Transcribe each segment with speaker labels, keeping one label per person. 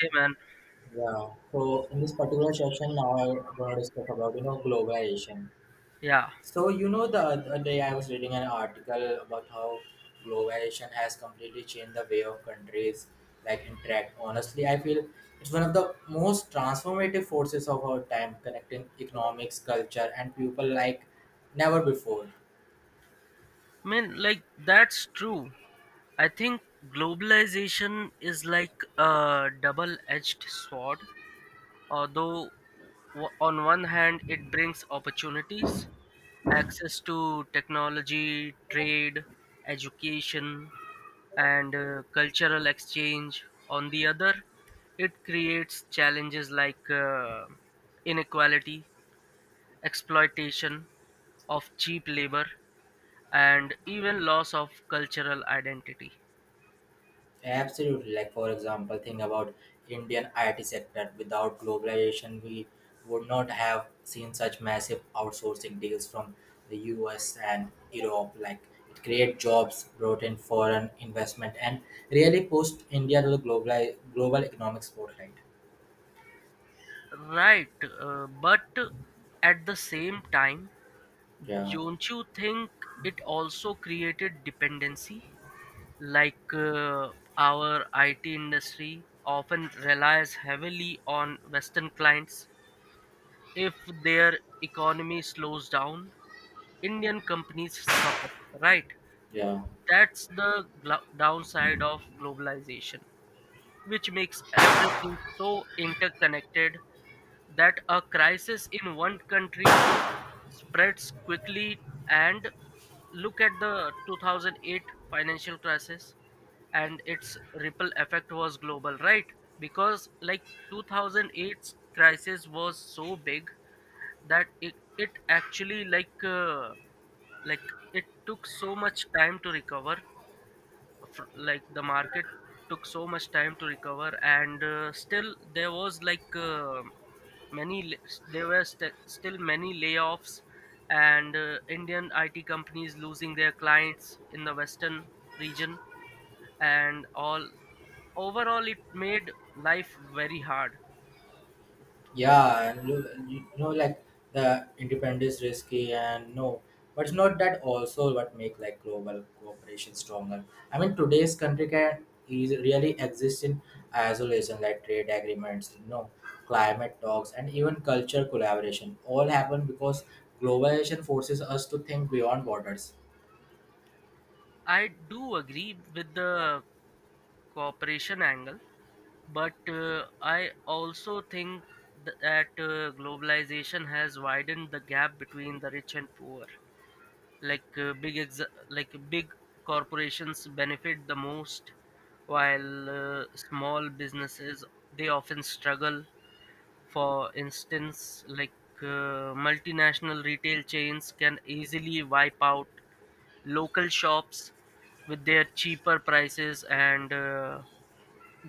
Speaker 1: Hey man,
Speaker 2: Yeah. So in this particular session, now I'm going to discuss about globalization.
Speaker 1: yeah.
Speaker 2: So you know the other day I was reading an article about how globalization has completely changed the way of countries like interact. Honestly, I feel it's one of the most transformative forces of our time, connecting economics, culture, and people like never before.
Speaker 1: I mean, like that's true. I think globalization is like a double-edged sword. Although on one hand it brings opportunities, access to technology, trade, education, and cultural exchange. On the other, it creates challenges like inequality, exploitation of cheap labor, and even loss of cultural identity.
Speaker 2: Absolutely. Like for example, think about Indian IT sector. Without globalization, we would not have seen such massive outsourcing deals from the US and Europe. Like it create jobs, brought in foreign investment, and really pushed India to the global economic spotlight.
Speaker 1: Right, but at the same time,
Speaker 2: Yeah,
Speaker 1: don't you think it also created dependency? Like our IT industry often relies heavily on Western clients. If their economy slows down, Indian companies suffer, right?
Speaker 2: yeah.
Speaker 1: That's the downside of globalization, which makes everything so interconnected that a crisis in one country spreads quickly, and look at the 2008 financial crisis, and its ripple effect was global, right? Because like 2008 crisis was so big that it actually, like like, it took so much time to recover, like the market took so much time to recover, and still there was, like many there were still many layoffs, and Indian IT companies losing their clients in the Western region and all, overall it made life very hard.
Speaker 2: Yeah, and look, like the independence is risky and no, but it's not that also what make like global cooperation stronger. I mean, today's country can is really exist in isolation, like trade agreements, climate talks, and even culture collaboration. All happen because globalization forces us to think beyond borders.
Speaker 1: I do agree with the cooperation angle, but I also think that globalization has widened the gap between the rich and poor, like big like big corporations benefit the most, while small businesses, they often struggle. For instance, like multinational retail chains can easily wipe out local shops with their cheaper prices and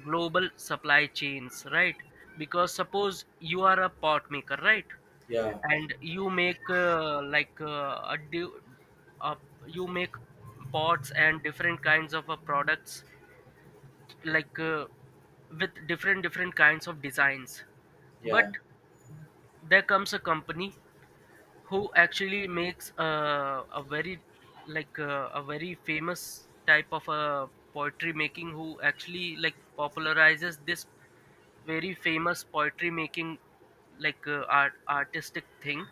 Speaker 1: global supply chains, right? Because suppose you are a pot maker, right,
Speaker 2: Yeah,
Speaker 1: and you make, like a, di- a you make pots and different kinds of products, like with different kinds of designs. But
Speaker 2: yeah,
Speaker 1: there comes a company who actually makes, a very, like a very famous type of poetry making, who actually, like, popularizes this very famous poetry making, like, artistic thing,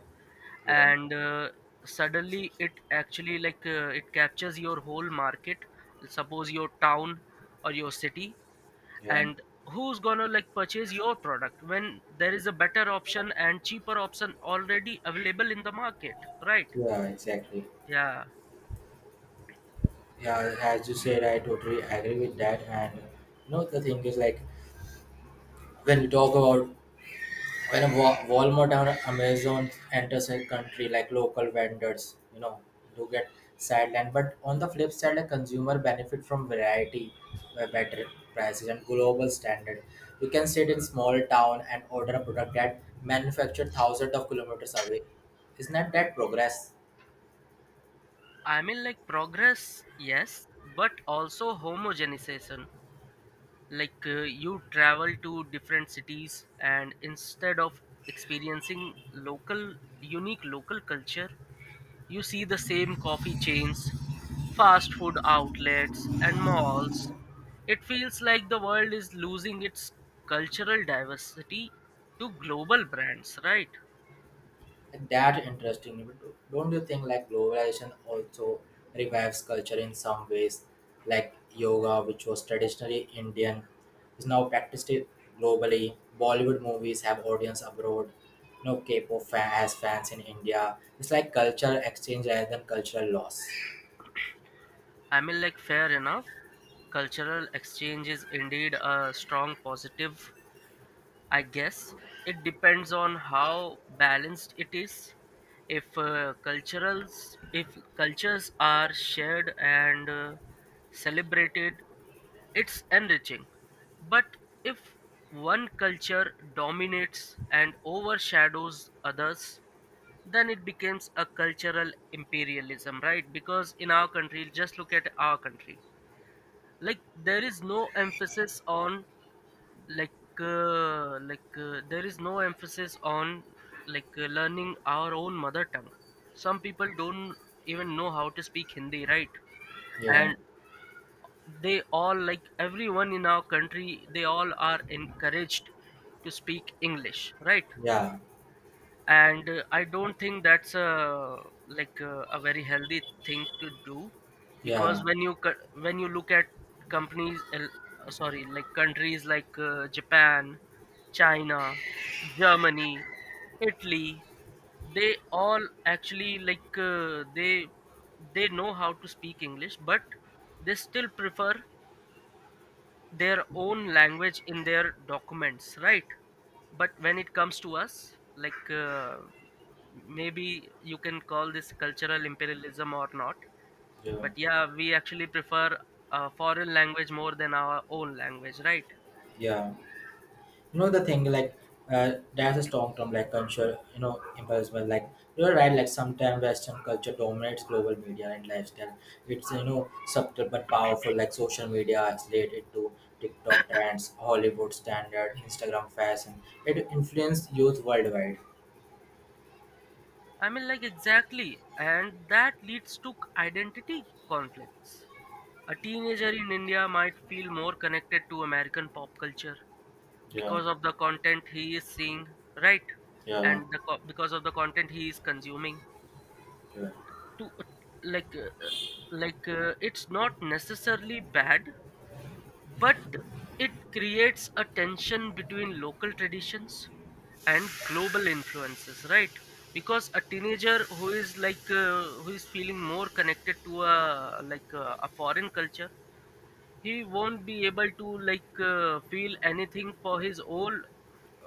Speaker 2: yeah,
Speaker 1: and suddenly it actually, like it captures your whole market, suppose your town or your city.
Speaker 2: yeah,
Speaker 1: And who's gonna like purchase your product when there is a better option and cheaper option already available in the market, right?
Speaker 2: yeah, exactly.
Speaker 1: Yeah.
Speaker 2: Yeah, as you said, I totally agree with that. And the thing is like when we talk about when a Walmart or Amazon enters a country, like local vendors, do get sidelined. But on the flip side, a consumer benefit from variety, better prices, and global standard. You can sit in small town and order a product that manufactured thousands of kilometers away. Isn't that progress?
Speaker 1: I mean, like, progress, yes, but also homogenization. Like you travel to different cities, and instead of experiencing local unique local culture, you see the same coffee chains, fast food outlets, and malls. It feels like the world is losing its cultural diversity to global brands, right?
Speaker 2: That interesting. But don't you think like globalization also revives culture in some ways? Like yoga, which was traditionally Indian, is now practiced globally. Bollywood movies have audience abroad. No K-pop fan has fans in India. It's like culture exchange rather than cultural loss.
Speaker 1: I mean, like, fair enough. Cultural exchange is indeed a strong positive, I guess. It depends on how balanced it is. If cultures are shared and celebrated, it's enriching, but if one culture dominates and overshadows others, then it becomes a cultural imperialism, right? Because in our country, just look at our country. Like there is no emphasis on, like, like, there is no emphasis on, like, learning our own mother tongue. Some people don't even know how to speak Hindi, right?
Speaker 2: Yeah,
Speaker 1: And they all like everyone in our country, they all are encouraged to speak English, right?
Speaker 2: yeah,
Speaker 1: And I don't think that's a like, a very healthy thing to do. Because
Speaker 2: yeah,
Speaker 1: when you when you look at companies sorry like countries like, Japan, China, Germany, Italy, they all, actually, like, they know how to speak English, but they still prefer their own language in their documents, right? But when it comes to us, like, maybe you can call this cultural imperialism or not,
Speaker 2: yeah,
Speaker 1: but yeah, we actually prefer a foreign language more than our own language, right?
Speaker 2: yeah. You know the thing like there's a strong term like culture impersonal, like you're right, like sometimes western culture dominates global media and lifestyle. It's, you know, subtle but powerful, like social media. It's related to TikTok trends, Hollywood standard, Instagram fashion. It influences youth worldwide.
Speaker 1: I mean, like, exactly, and that leads to identity conflicts. A teenager in India might feel more connected to American pop culture
Speaker 2: Yeah,
Speaker 1: because of the content he is seeing, right?
Speaker 2: yeah,
Speaker 1: And because of the content he is consuming
Speaker 2: yeah.
Speaker 1: to, like, like, it's not necessarily bad, but it creates a tension between local traditions and global influences, right? Because a teenager who is, like, who is feeling more connected to a, like, a foreign culture, he won't be able to, like, feel anything for his own,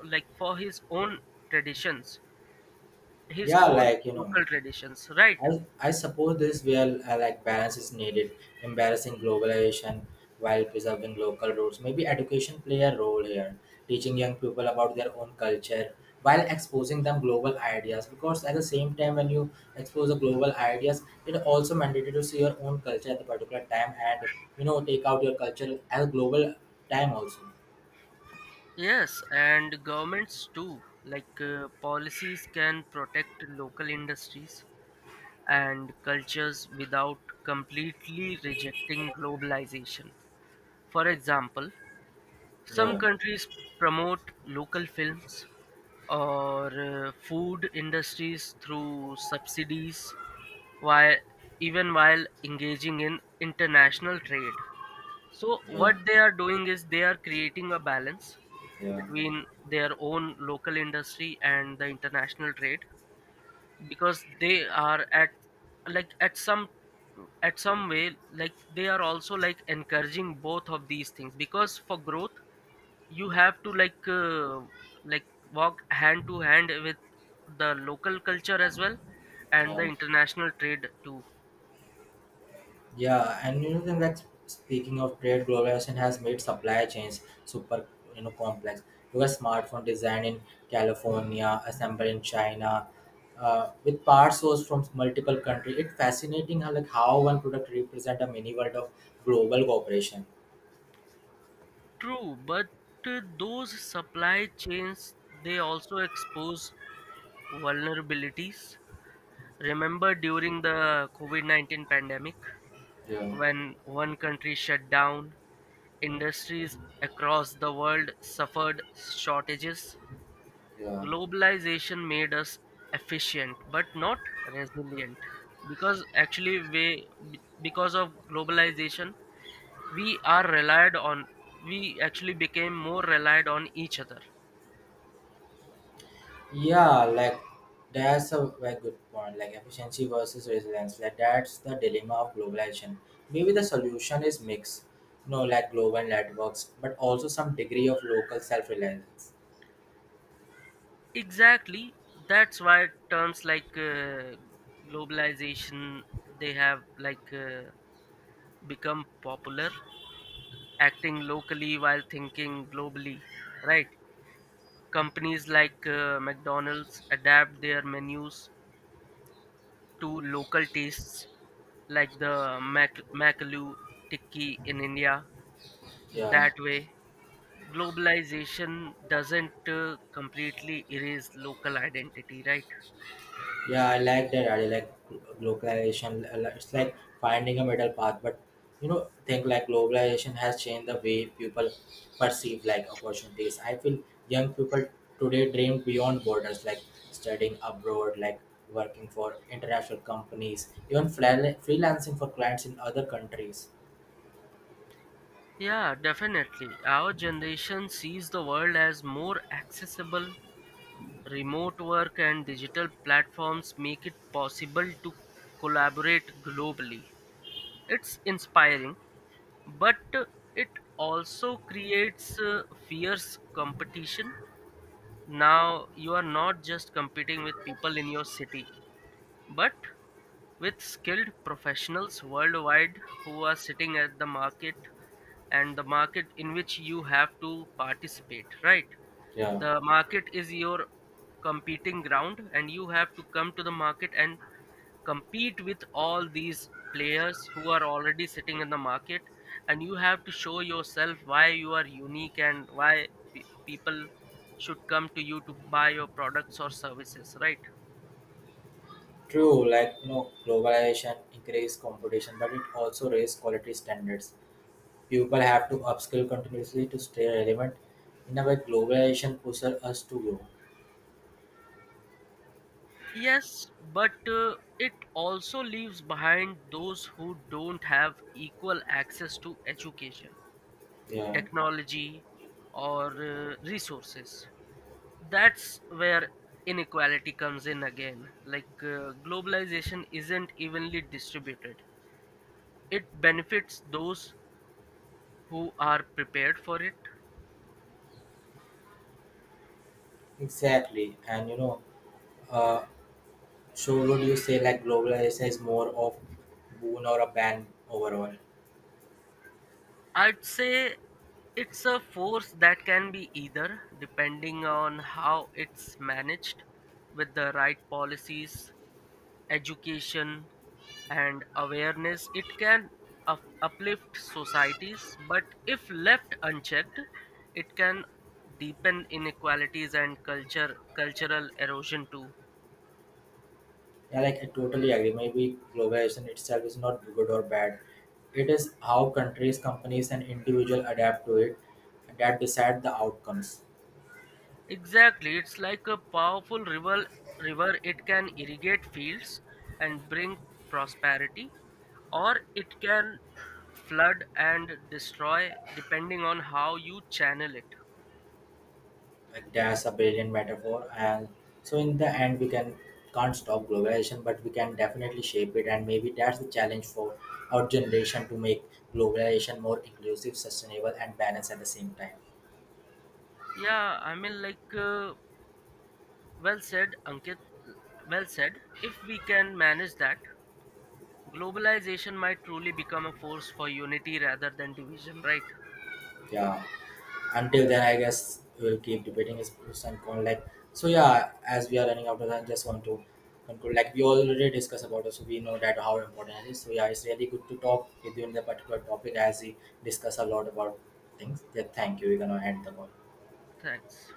Speaker 1: like for his own traditions, his
Speaker 2: Yeah
Speaker 1: own
Speaker 2: like
Speaker 1: local traditions, right?
Speaker 2: I suppose this where like balance is needed, embarrassing globalization while preserving local roots. Maybe education play a role here, teaching young people about their own culture while exposing them global ideas. Because at the same time, when you expose the global ideas, it also mandatory to see your own culture at the particular time and take out your culture as a global time also.
Speaker 1: Yes, and governments too. Like, policies can protect local industries and cultures without completely rejecting globalization. For example, some
Speaker 2: Yeah,
Speaker 1: countries promote local films or food industries through subsidies, while, even while engaging in international trade. So
Speaker 2: yeah,
Speaker 1: what they are doing is they are creating a balance
Speaker 2: yeah,
Speaker 1: between their own local industry and the international trade, because they are at, like, at some, way, like they are also, like, encouraging both of these things, because for growth you have to, like, like, walk hand to hand with the local culture as well, and the
Speaker 2: yeah.
Speaker 1: international trade too.
Speaker 2: Yeah, and then like speaking of trade, globalization has made supply chains super, complex. You got smartphone design in California, assembled in China, with parts sourced from multiple countries. It's fascinating how like how one product represent a mini world of global cooperation.
Speaker 1: True, but those supply chains, they also expose vulnerabilities. Remember during the COVID-19 pandemic,
Speaker 2: Yeah,
Speaker 1: when one country shut down, industries across the world suffered shortages.
Speaker 2: yeah.
Speaker 1: Globalization made us efficient but not resilient, because actually we, be- because of globalization, we are relied on we actually became more relied on each other.
Speaker 2: Yeah, like that's a very good point. Like efficiency versus resilience. Like that's the dilemma of globalization. Maybe the solution is mix, like global networks, but also some degree of local self-reliance.
Speaker 1: Exactly, that's why terms like, globalization, they have, like, become popular, acting locally while thinking globally, right? Companies like, McDonald's adapt their menus to local tastes, like the Makalu tikki in India.
Speaker 2: Yeah.
Speaker 1: That way, globalization doesn't, completely erase local identity, right?
Speaker 2: Yeah, I like that. I like globalization. Like, it's like finding a middle path. But think like globalization has changed the way people perceive like opportunities. I feel young people today dream beyond borders, like studying abroad, like working for international companies, even freelancing for clients in other countries.
Speaker 1: Yeah, definitely. Our generation sees the world as more accessible. Remote work and digital platforms make it possible to collaborate globally. It's inspiring, but, it also creates, fierce competition. Now you are not just competing with people in your city, but with skilled professionals worldwide who are sitting at the market, and the market in which you have to participate, right?
Speaker 2: Yeah,
Speaker 1: The market is your competing ground, and you have to come to the market and compete with all these players who are already sitting in the market, and you have to show yourself why you are unique, and why people should come to you to buy your products or services, right?
Speaker 2: true. Like globalization increase competition, but it also raise quality standards. People have to upskill continuously to stay relevant. In a way, globalization pushes us to grow.
Speaker 1: Yes, but, it also leaves behind those who don't have equal access to education,
Speaker 2: Yeah.
Speaker 1: technology, or resources. That's where inequality comes in again. Like, globalization isn't evenly distributed, it benefits those who are prepared for it.
Speaker 2: Exactly. And uh, so would you say like globalization is more of boon or a ban overall?
Speaker 1: I'd say it's a force that can be either, depending on how it's managed, with the right policies, education, and awareness. It can uplift societies, but if left unchecked, it can deepen inequalities and culture cultural erosion too.
Speaker 2: Yeah, like I totally agree. Maybe globalization itself is not good or bad. It is how countries, companies, and individuals adapt to it that decide the outcomes.
Speaker 1: Exactly, it's like a powerful river. It can irrigate fields and bring prosperity, or it can flood and destroy, depending on how you channel it.
Speaker 2: Like that's a brilliant metaphor. And so in the end we can can't stop globalization, but we can definitely shape it. And maybe that's the challenge for our generation, to make globalization more inclusive, sustainable, and balanced at the same time.
Speaker 1: Yeah, I mean, like, well said, Ankit. Well said. If we can manage that, globalization might truly become a force for unity rather than division, right?
Speaker 2: Yeah, until then I guess we'll keep debating this pros and cons. Like, so yeah, as we are running out of time, just want to conclude, like we already discussed about it, so we know that how important it is. So yeah, it's really good to talk with you in the particular topic, as we discuss a lot about things. Yeah, thank you. We're gonna end the call.
Speaker 1: Thanks.